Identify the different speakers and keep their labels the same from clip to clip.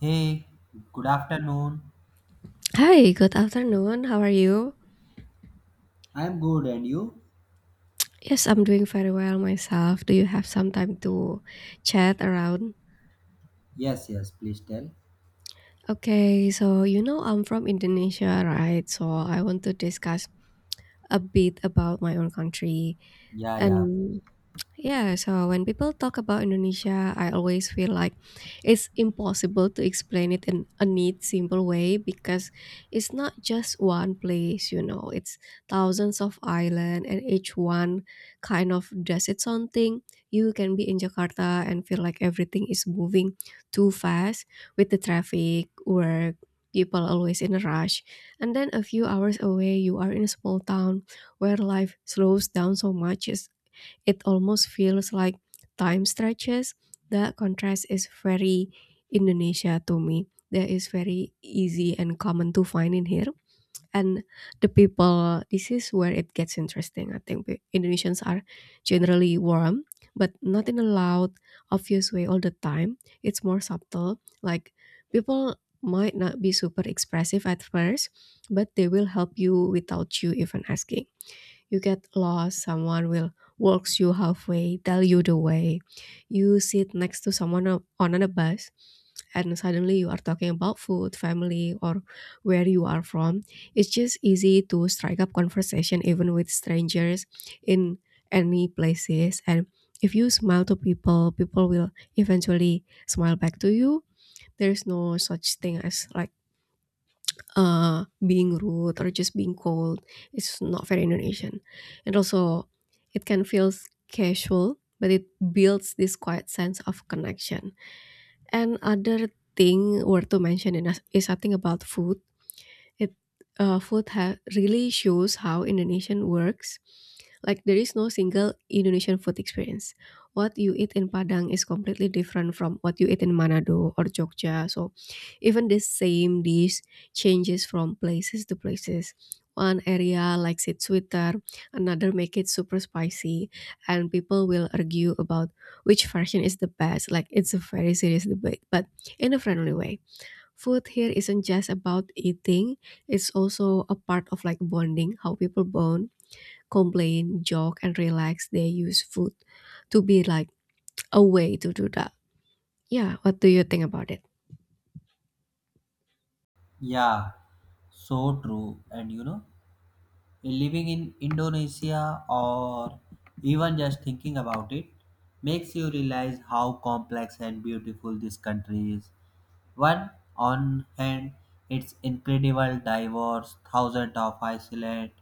Speaker 1: Hey, good afternoon.
Speaker 2: Hi, good afternoon. How are you?
Speaker 1: I'm good, and you?
Speaker 2: Yes, I'm doing very well myself. Do you have some time to chat around?
Speaker 1: Yes, yes, please tell.
Speaker 2: Okay, so you know I'm from Indonesia, right? So I want to discuss a bit about my own country.
Speaker 1: Yeah, yeah,
Speaker 2: And Yeah, so when people talk about Indonesia, I always feel like it's impossible to explain it in a neat, simple way because it's not just one place, it's thousands of islands and each one kind of does its own thing. You can be in Jakarta and feel like everything is moving too fast with the traffic, work, people always in a rush. And then a few hours away, you are in a small town where life slows down so much it almost feels like time stretches. The contrast is very Indonesia to me. That is very easy and common to find in here. And the people, this is where it gets interesting. I think Indonesians are generally warm, but not in a loud, obvious way all the time. It's more subtle. Like people might not be super expressive at first, but they will help you without you even asking. You get lost, someone will walks you halfway, tell you the way. You sit next to someone on a bus, and suddenly you are talking about food, family, or where you are from. It's just easy to strike up conversation even with strangers in any places. And if you smile to people, people will eventually smile back to you. There's no such thing as like being rude or just being cold is not very Indonesian. And also, it can feel casual, but it builds this quiet sense of connection. And other thing worth to mention in is I think about food. It food ha- really shows how Indonesian works. Like there is no single Indonesian food experience. What you eat in Padang is completely different from what you eat in Manado or Jogja. So even the same dish changes from places to places. One area likes it sweeter, another make it super spicy, and people will argue about which version is the best. Like it's a very serious debate, but in a friendly way. Food here isn't just about eating, it's also a part of like bonding, how people bond, complain, joke, and relax. They use food to be like a way to do that. Yeah, what do you think about it?
Speaker 1: yeah, so true. And living in Indonesia or even just thinking about it makes you realize how complex and beautiful this country is. One, on hand, it's incredible diverse, thousands of islands,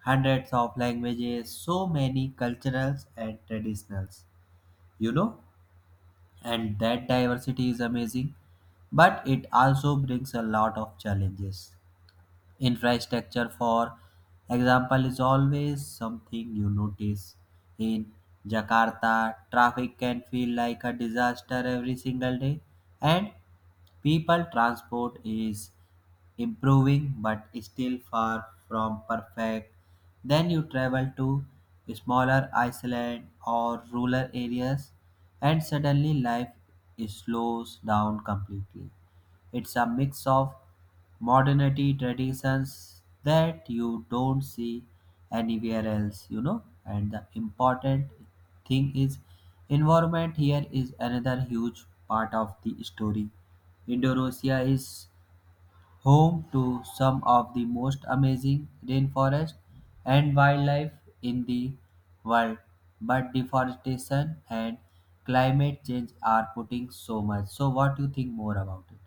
Speaker 1: hundreds of languages, so many culturals and traditionals. You know? And that diversity is amazing, but it also brings a lot of challenges. Infrastructure, for example, is always something you notice in Jakarta. Traffic can feel like a disaster every single day, and people transport is improving but still far from perfect. Then you travel to smaller island or rural areas, and suddenly life slows down completely. It's a mix of modernity traditions that you don't see anywhere else, you know. And the important thing is environment here is another huge part of the story. Indonesia is home to some of the most amazing rainforest and wildlife in the world, but deforestation and climate change are putting so much. So what do you think more about it?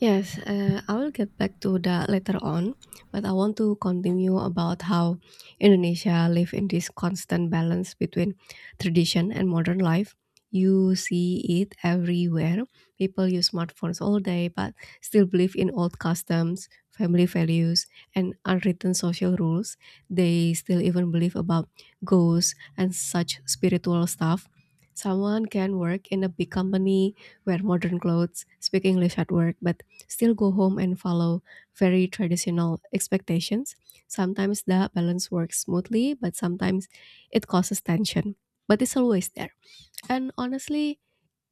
Speaker 2: Yes, I will get back to that later on, but I want to continue about how Indonesia live in this constant balance between tradition and modern life. You see it everywhere. People use smartphones all day, but still believe in old customs, family values, and unwritten social rules. They still even believe about ghosts and such spiritual stuff. Someone can work in a big company, wear modern clothes, speak English at work, but still go home and follow very traditional expectations. Sometimes the balance works smoothly, but sometimes it causes tension. But it's always there. And honestly,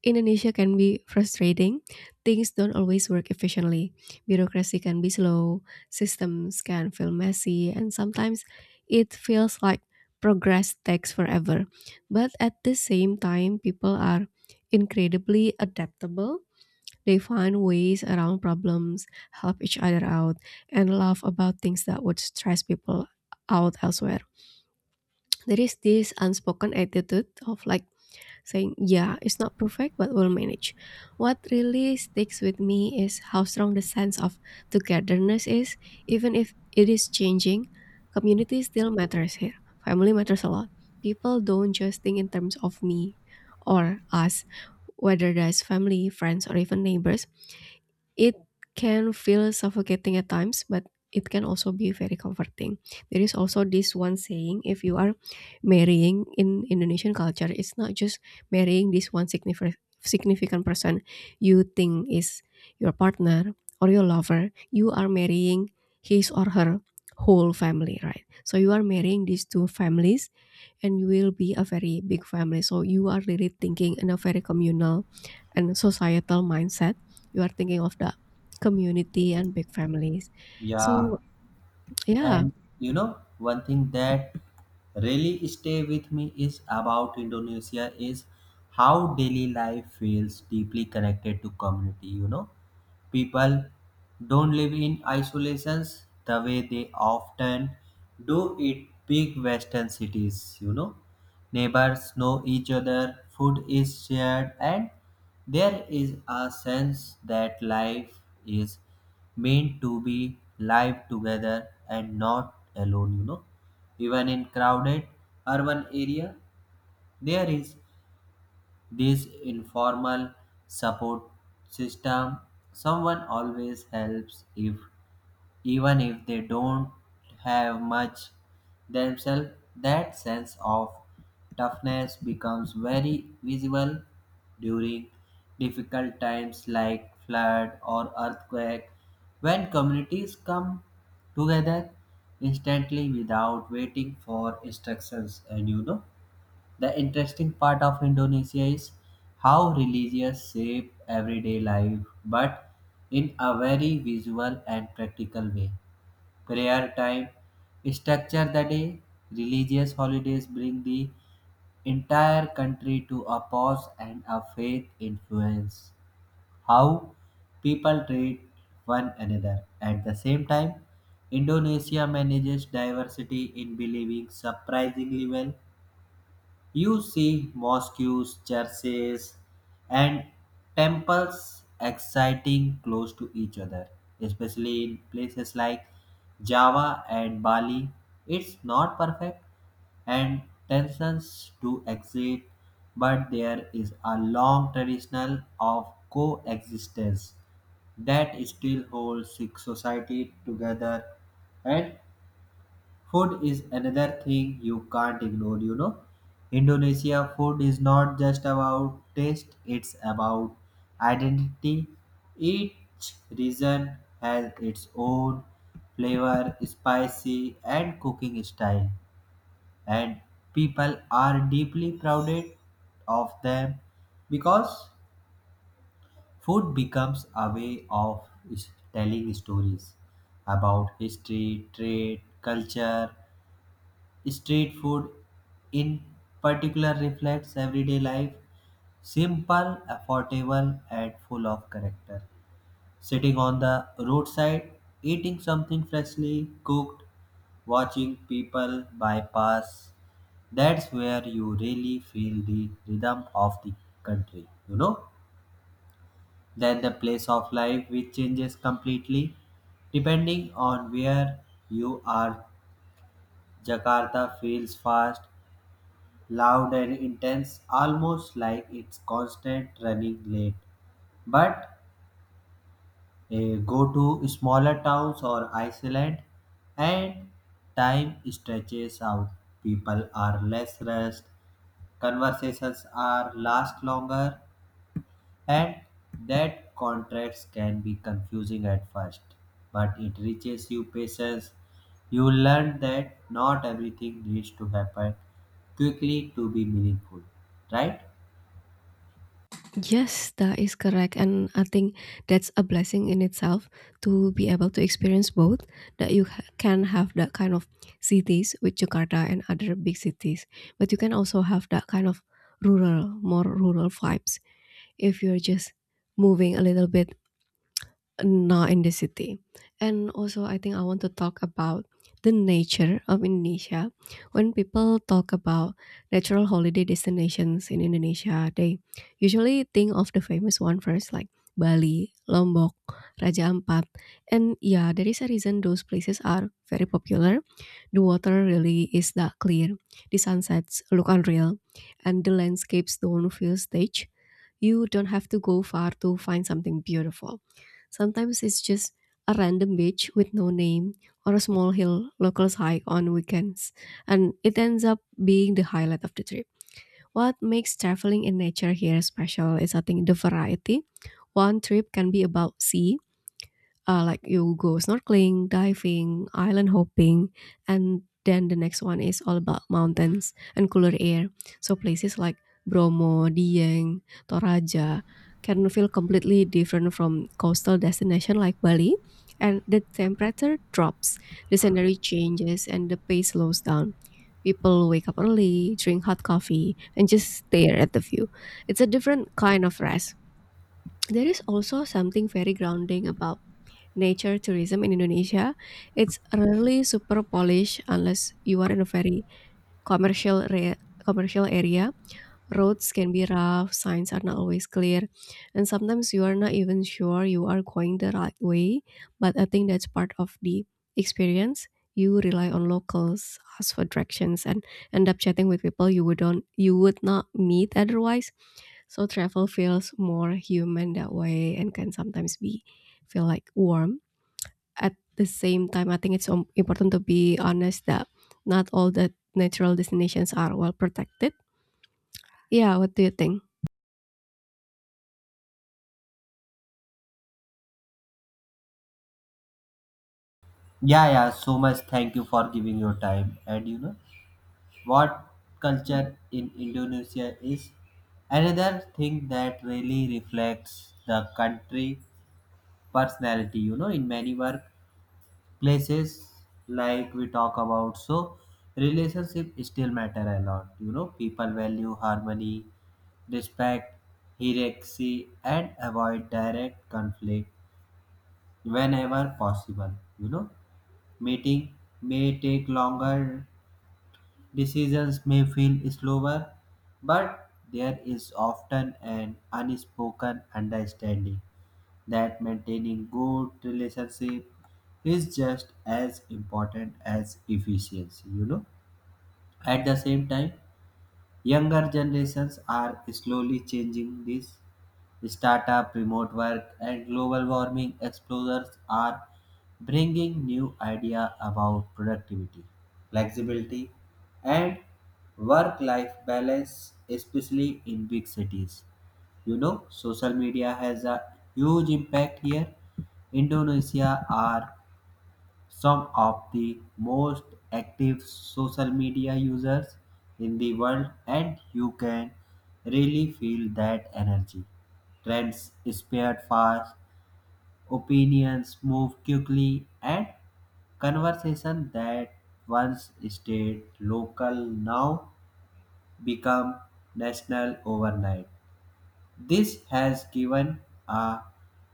Speaker 2: Indonesia can be frustrating. Things don't always work efficiently. Bureaucracy can be slow, systems can feel messy, and sometimes it feels like progress takes forever. But at the same time, people are incredibly adaptable, they find ways around problems, help each other out, and laugh about things that would stress people out elsewhere. There is this unspoken attitude of like saying, "Yeah, it's not perfect, but we'll manage." What really sticks with me is how strong the sense of togetherness is, even if it is changing. Community still matters here. Family matters a lot. People don't just think in terms of me or us, whether that's family, friends, or even neighbors. It can feel suffocating at times, but it can also be very comforting. There is also this one saying if you are marrying in Indonesian culture, it's not just marrying this one significant person you think is your partner or your lover. You are marrying his or her whole family, right? So you are marrying these two families and you will be a very big family. So you are really thinking in a very communal and societal mindset. You are thinking of the community and big families.
Speaker 1: Yeah.
Speaker 2: So yeah,
Speaker 1: And one thing that really stay with me is about Indonesia is how daily life feels deeply connected to community, you know. People don't live in isolations the way they often do in big western cities, you know. Neighbors know each other, food is shared, and there is a sense that life is meant to be lived together and not alone, you know. Even in crowded urban area, there is this informal support system. Someone always helps, if even if they don't have much themselves, that sense of toughness becomes very visible during difficult times like flood or earthquake, when communities come together instantly without waiting for instructions. And the interesting part of Indonesia is how religious shape everyday life, but in a very visual and practical way. Prayer time, structure the day, religious holidays bring the entire country to a pause, and a faith influence how people treat one another. At the same time, Indonesia manages diversity in believing surprisingly well. You see mosques, churches, and temples exciting close to each other, especially in places like Java and Bali. It's not perfect, and tensions do exist, but there is a long traditional of coexistence that still holds Sikh society together. And food is another thing you can't ignore, you know. Indonesia food is not just about taste, it's about identity. Each region has its own flavor, spicy, and cooking style, and people are deeply proud of them, because food becomes a way of telling stories about history, trade, culture. Street food, in particular, reflects everyday life, simple, affordable, and full of character. Sitting on the roadside, eating something freshly cooked, watching people bypass, that's where you really feel the rhythm of the country, you know? Then the place of life which changes completely depending on where you are. Jakarta feels fast, loud and intense, almost like it's constant running late. But go to smaller towns or Iceland, and time stretches out. People are less rushed, conversations are last longer, and that contracts can be confusing at first. But it reaches you patience. You learn that not everything needs to happen quickly to be meaningful, right?
Speaker 2: yes, that is correct. And I think that's a blessing in itself to be able to experience both, that you can have that kind of cities with Jakarta and other big cities, but you can also have that kind of rural, more rural vibes if you're just moving a little bit. Not in the city. And also, I think I want to talk about the nature of Indonesia. When people talk about natural holiday destinations in Indonesia, they usually think of the famous one first, like Bali, Lombok, Raja Ampat. And yeah, there is a reason those places are very popular. The water really is that clear. The sunsets look unreal. And the landscapes don't feel staged. You don't have to go far to find something beautiful. Sometimes it's just a random beach with no name or a small hill locals hike on weekends, and it ends up being the highlight of the trip. What makes traveling in nature here special is I think the variety. One trip can be about sea, like you go snorkeling, diving, island hopping, and then the next one is all about mountains and cooler air. So places like Bromo, Dieng, Toraja can feel completely different from coastal destination like Bali, and the temperature drops, the scenery changes, and the pace slows down. People wake up early, drink hot coffee, and just stare at the view. It's a different kind of rest. There is also something very grounding about nature tourism in Indonesia, it's rarely super polished unless you are in a very commercial area. Roads can be rough, signs are not always clear, and sometimes you are not even sure you are going the right way. But I think that's part of the experience. You rely on locals, ask for directions, and end up chatting with people you would not meet otherwise. So travel feels more human that way, and can sometimes be feel like warm at the same time. I think it's important to be honest that not all the natural destinations are well protected. Yeah, what do you think?
Speaker 1: Yeah, yeah, so much thank you for giving your time. And you know what culture in Indonesia is? Another thing that really reflects the country personality, you know, in many workplaces like we talk about. So relationship still matter a lot. You know, people value harmony, respect, hierarchy, and avoid direct conflict whenever possible. You know, meeting may take longer, decisions may feel slower, but there is often an unspoken understanding that maintaining good relationship is just as important as efficiency, you know. At the same time, younger generations are slowly changing this. Startup, remote work, and global warming explorers are bringing new idea about productivity, flexibility, and work-life balance, especially in big cities. You know, social media has a huge impact here. Indonesia are some of the most active social media users in the world, and you can really feel that energy. Trends spread fast, opinions move quickly, and conversation that once stayed local now become national overnight. This has given uh,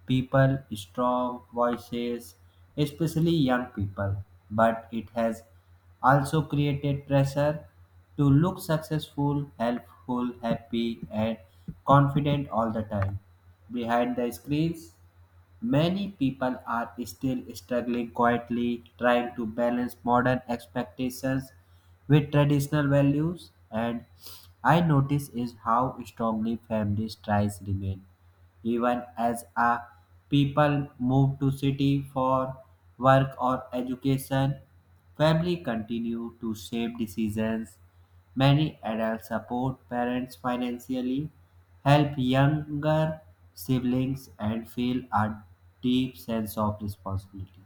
Speaker 1: people strong voices, especially young people, but it has also created pressure to look successful, helpful, happy, and confident all the time. Behind the screens, many people are still struggling quietly, trying to balance modern expectations with traditional values. And I notice is how strongly families tries remain even as a people move to city for work or education, family continue to shape decisions. Many adults support parents financially, help younger siblings, and feel a deep sense of responsibility,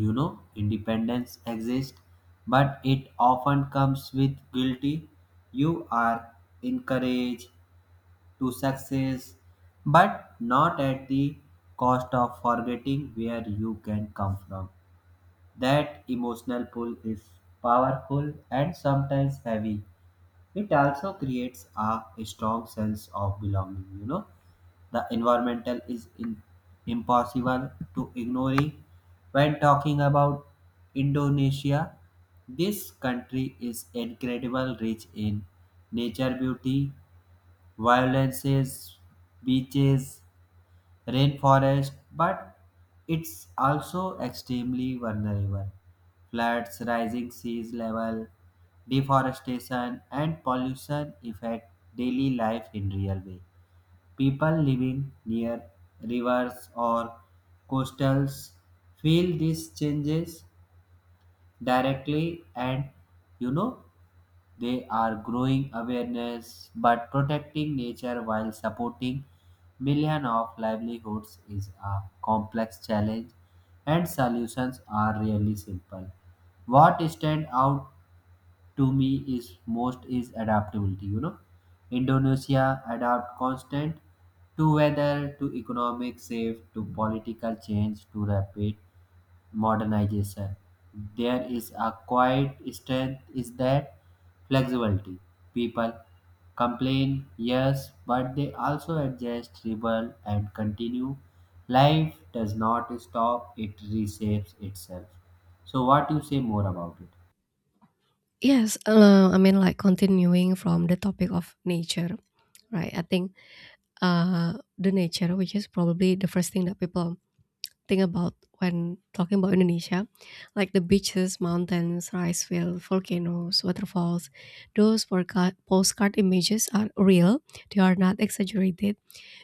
Speaker 1: you know. Independence exists, but it often comes with guilty. You are encouraged to success, but not at the cost of forgetting where you can come from. That emotional pull is powerful and sometimes heavy. It also creates a strong sense of belonging, you know. The environmental is in, impossible to ignore when talking about Indonesia. This country is incredible rich in nature beauty, violences, beaches, rainforest, but it's also extremely vulnerable. Floods, rising sea level, deforestation, and pollution affect daily life in real way. People living near rivers or coastals feel these changes directly. And you know they are growing awareness, but protecting nature while supporting millions of livelihoods is a complex challenge, and solutions are really simple. What stands out to me is most is adaptability. You know, Indonesia adapt constant to weather, to economic shift, to political change, to rapid modernization. There is a quiet strength is that flexibility. People complain, yes, but they also adjust, rebel, and continue. Life does not stop, it reshapes itself. So what you say more about it?
Speaker 2: Yes, I mean, like continuing from the topic of nature, right? I think the nature, which is probably the first thing that people think about when talking about Indonesia, like the beaches, mountains, rice fields, volcanoes, waterfalls, those postcard images are real, they are not exaggerated,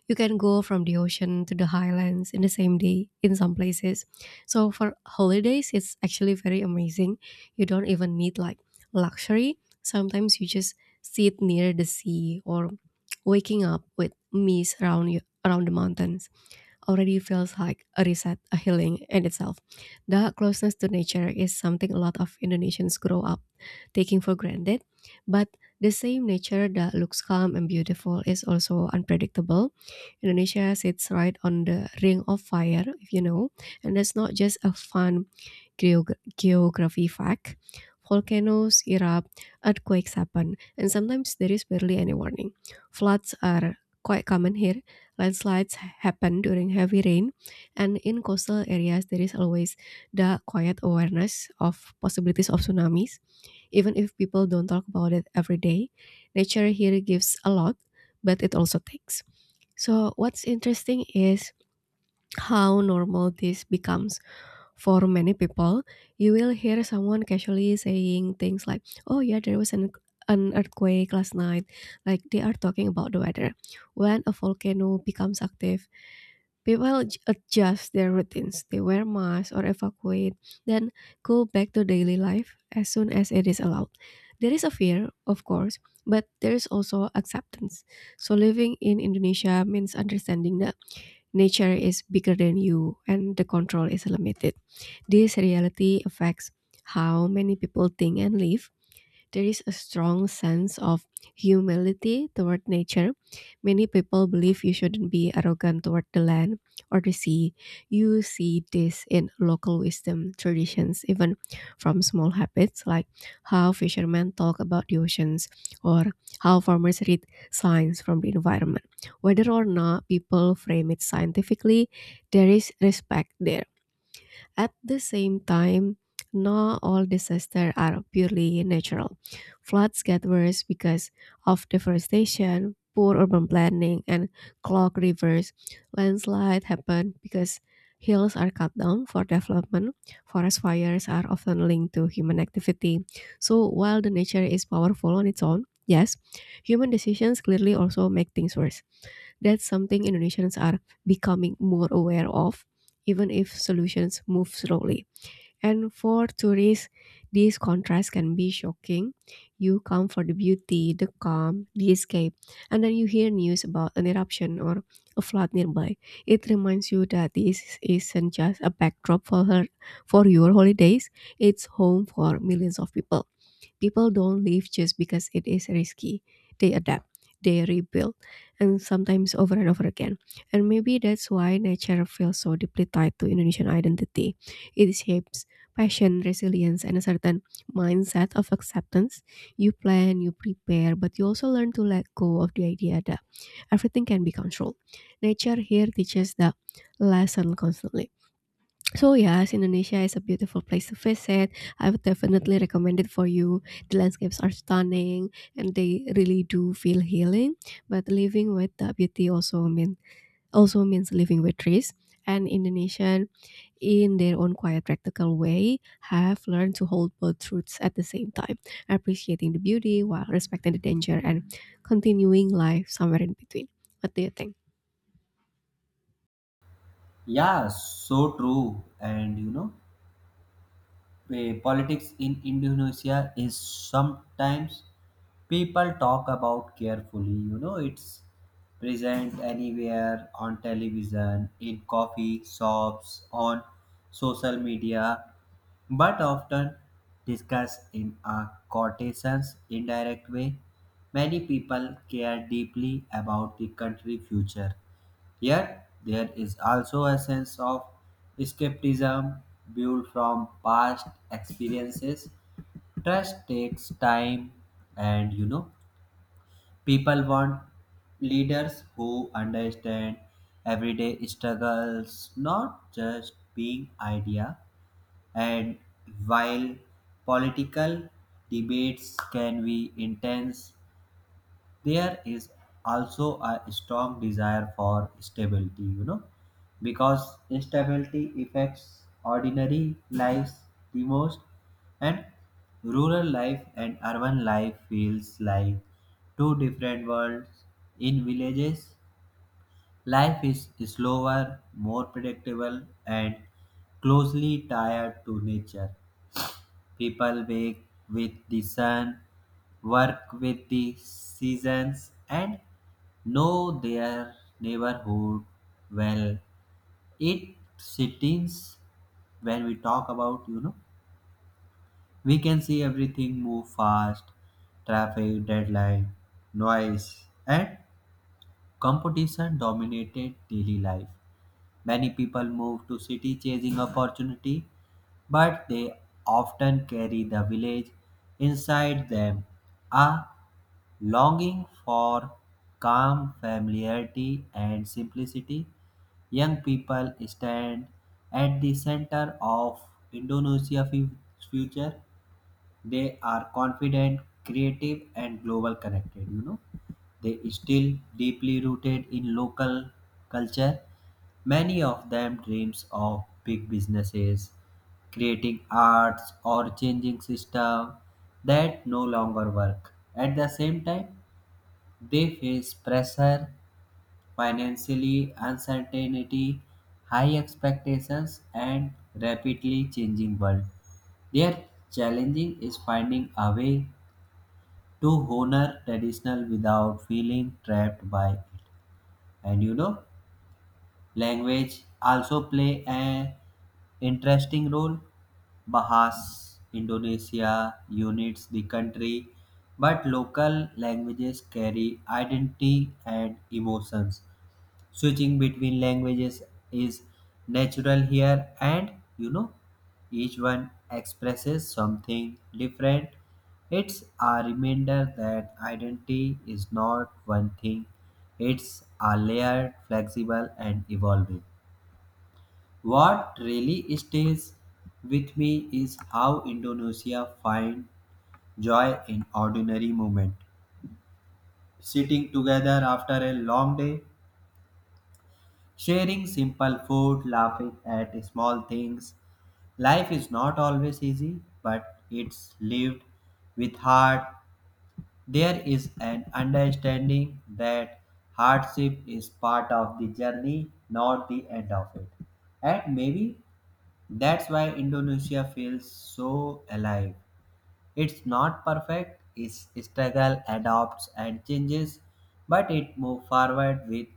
Speaker 2: you can go from the ocean to the highlands in the same day in some places. So for holidays it's actually very amazing. You don't even need like luxury, sometimes you just sit near the sea or waking up with mist around you around the mountains already feels like a reset, a healing in itself. That closeness to nature is something a lot of Indonesians grow up taking for granted. But the same nature that looks calm and beautiful is also unpredictable. Indonesia sits right on the ring of fire, if you know, and that's not just a fun geography fact. Volcanoes erupt, earthquakes happen, and sometimes there is barely any warning. Floods are quite common here, landslides happen during heavy rain, and in coastal areas, there is always the quiet awareness of possibilities of tsunamis. Even if people don't talk about it every day, nature here gives a lot, but it also takes. So, what's interesting is how normal this becomes for many people. You will hear someone casually saying things like, "Oh yeah, there was an earthquake last night," like they are talking about the weather. When a volcano becomes active, people adjust their routines. They wear masks or evacuate, then go back to daily life as soon as it is allowed. There is a fear, of course, but there is also acceptance. So living in Indonesia means understanding that nature is bigger than you and the control is limited. This reality affects how many people think and live. There is a strong sense of humility toward nature. Many people believe you shouldn't be arrogant toward the land or the sea. You see this in local wisdom traditions, even from small habits like how fishermen talk about the oceans or how farmers read signs from the environment. Whether or not people frame it scientifically, there is respect there. At the same time, not all disasters are purely natural. Floods get worse because of deforestation, poor urban planning, and clogged rivers. Landslides happen because hills are cut down for development. Forest fires are often linked to human activity. So while the nature is powerful on its own, yes, human decisions clearly also make things worse. That's something Indonesians are becoming more aware of, even if solutions move slowly. And for tourists, these contrasts can be shocking. You come for the beauty, the calm, the escape, and then you hear news about an eruption or a flood nearby. It reminds you that this isn't just a backdrop for your holidays, it's home for millions of people. People don't leave just because it is risky. They adapt, they rebuild, and sometimes over and over again. And maybe that's why nature feels so deeply tied to Indonesian identity. It shapes passion, resilience, and a certain mindset of acceptance. You plan, you prepare, but you also learn to let go of the idea that everything can be controlled. Nature here teaches that lesson constantly. So yes, Indonesia is a beautiful place to visit. I would definitely recommend it for you. The landscapes are stunning and they really do feel healing. But living with the beauty also means living with trees. And Indonesian, in their own quiet, practical way, have learned to hold both truths at the same time, appreciating the beauty while respecting the danger and continuing life somewhere in between. What do you think?
Speaker 1: Yeah, so true. And politics in Indonesia is sometimes people talk about carefully. You know, it's present anywhere on television, in coffee shops, on social media, but often discussed in a quotations indirect way. Many people care deeply about the country future. Yet, there is also a sense of skepticism built from past experiences. Trust takes time, and you know, people want leaders who understand everyday struggles, not just being idea. And while political debates can be intense, there is also a strong desire for stability, you know, because instability affects ordinary lives the most. And rural life and urban life feels like two different worlds. In villages, life is slower, more predictable, and closely tied to nature. People wake with the sun, work with the seasons, and know their neighborhood well. It settings when we talk about, you know, we can see everything move fast, traffic, deadline, noise, and competition dominated daily life. Many people move to city chasing opportunity, but they often carry the village inside them, a longing for calm familiarity and simplicity. Young people stand at the center of Indonesia's future. They are confident, creative, and global connected. You know, they still deeply rooted in local culture. Many of them dreams of big businesses, creating arts or changing system that no longer work. At the same time, they face pressure, financially uncertainty, high expectations, and rapidly changing world. Their challenging is finding a way to honor traditional without feeling trapped by it. And language also play an interesting role. Bahas Indonesia unites the country, but local languages carry identity and emotions. Switching between languages is natural here, and you know, each one expresses something different. It's a reminder that identity is not one thing, it's a layered, flexible, and evolving. What really stays with me is how Indonesia finds joy in ordinary moment, sitting together after a long day, sharing simple food, laughing at small things. Life is not always easy, but it's lived with heart. There is an understanding that hardship is part of the journey, not the end of it. And maybe that's why Indonesia feels so alive. It's not perfect, its struggle adopts and changes, but it moves forward with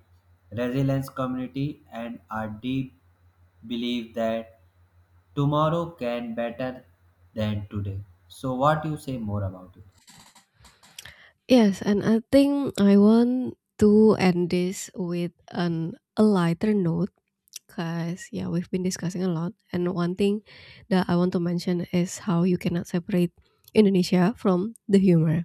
Speaker 1: resilience community and a deep belief that tomorrow can better than today. So what you say more about it?
Speaker 2: Yes, and I think I want to end this with an a lighter note because yeah, we've been discussing a lot. And one thing that I want to mention is how you cannot separate Indonesia from the humor.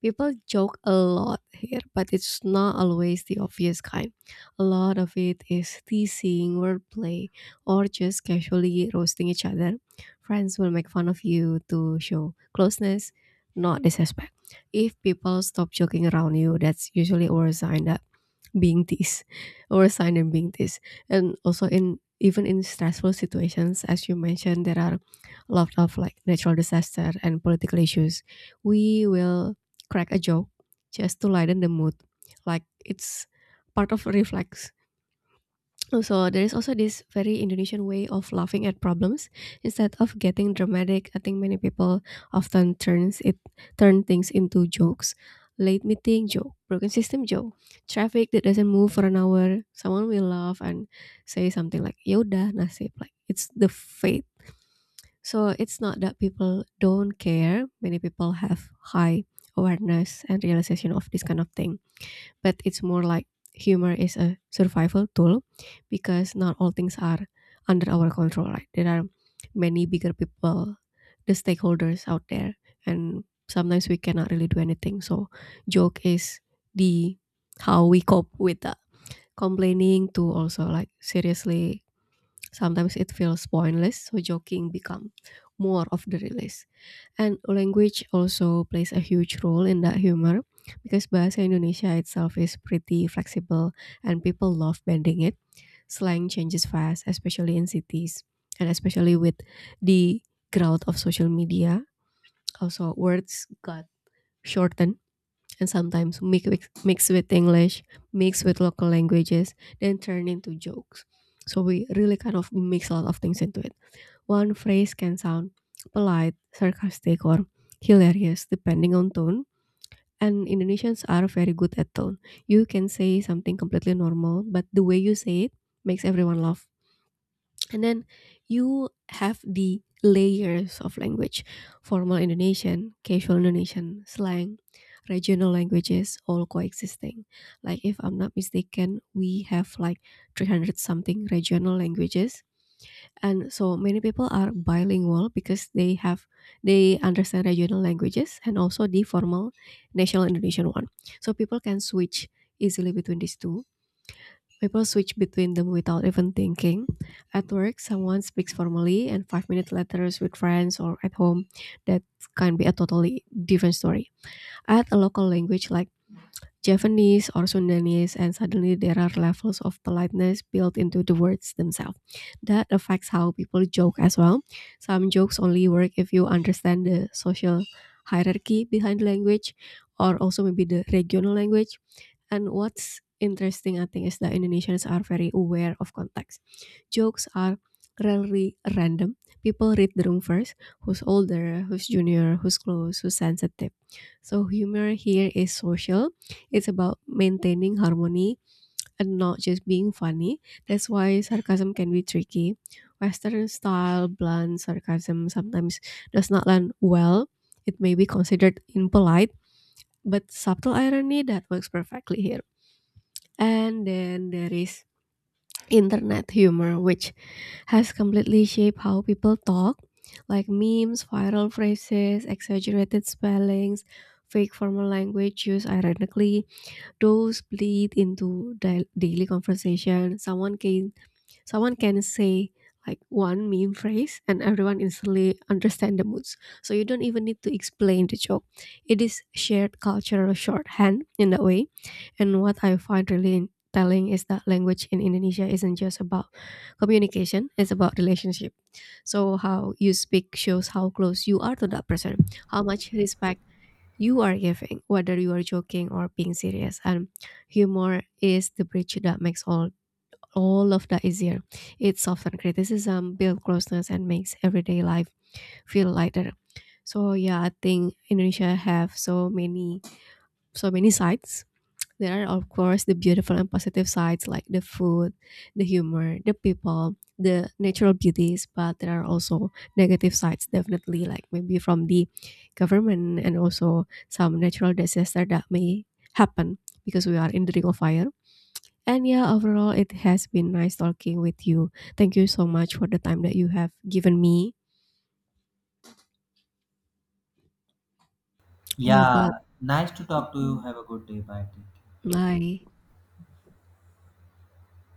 Speaker 2: People joke a lot here, but it's not always the obvious kind. A lot of it is teasing, wordplay, or just casually roasting each other. Friends will make fun of you to show closeness, not disrespect. If people stop joking around you, that's usually a sign that being bintis oversized and being this, and also in even in stressful situations as you mentioned there are a lot of like natural disaster and political issues we will crack a joke just to lighten the mood, like it's part of reflex. So there is also this very Indonesian way of laughing at problems instead of getting dramatic. I think many people often turn things into jokes. Late meeting joke, broken system joke, traffic that doesn't move for an hour. Someone will laugh and say something like "Yoda nasib," like it's the fate. So it's not that people don't care. Many people have high awareness and realization of this kind of thing, but it's more like humor is a survival tool because not all things are under our control, right? There are many bigger people, the stakeholders out there, and sometimes we cannot really do anything. So joke is the how we cope with that. Complaining to also like seriously, sometimes it feels pointless. So joking become more of the release. And language also plays a huge role in that humor because Bahasa Indonesia itself is pretty flexible and people love bending it. Slang changes fast, especially in cities and especially with the crowd of social media. Also, words got shortened and sometimes mix with English, mix with local languages, then turn into jokes. So we really kind of mix a lot of things into it. One phrase can sound polite, sarcastic, or hilarious depending on tone. And Indonesians are very good at tone. You can say something completely normal, but the way you say it makes everyone laugh. And then you have the layers of language: formal Indonesian, casual Indonesian, slang, regional languages all coexisting. Like, if I'm not mistaken, we have like 300 something regional languages and so many people are bilingual because they understand regional languages and also the formal national Indonesian one. So people can switch easily between these two. People switch between them without even thinking. At work someone speaks formally, and 5 minute letters with friends or at home, that can be a totally different story. Add a local language like Javanese or Sundanese, and suddenly there are levels of politeness built into the words themselves. That affects how people joke as well. Some jokes only work if you understand the social hierarchy behind the language or also maybe the regional language. And what's interesting, I think, is that Indonesians are very aware of context. Jokes are rarely random. People read the room first: who's older, who's junior, who's close, who's sensitive. So, humor here is social, it's about maintaining harmony and not just being funny. That's why sarcasm can be tricky. Western style, blunt sarcasm sometimes does not land well. It may be considered impolite, but subtle irony that works perfectly here. And then there is internet humor, which has completely shaped how people talk, like memes, viral phrases, exaggerated spellings, fake formal language use. Ironically, those bleed into daily conversation. Someone can say like one meme phrase, and everyone instantly understand the moods. So you don't even need to explain the joke. It is shared cultural shorthand in that way. And what I find really telling is that language in Indonesia isn't just about communication, it's about relationship. So, how you speak shows how close you are to that person, how much respect you are giving, whether you are joking or being serious. And humor is the bridge that makes all of that easier. It softens criticism, builds closeness, and makes everyday life feel lighter. So yeah, I think Indonesia have so many sides. There are, of course, the beautiful and positive sides like the food, the humor, the people, the natural beauties, but there are also negative sides, definitely, like maybe from the government and also some natural disaster that may happen because we are in the ring of fire. And yeah, overall, it has been nice talking with you. Thank you so much for the time that you have given me. Yeah, but
Speaker 1: Yeah, nice to talk to you.
Speaker 2: Mm.
Speaker 1: Have a good day. Bye. Take care.
Speaker 2: Bye.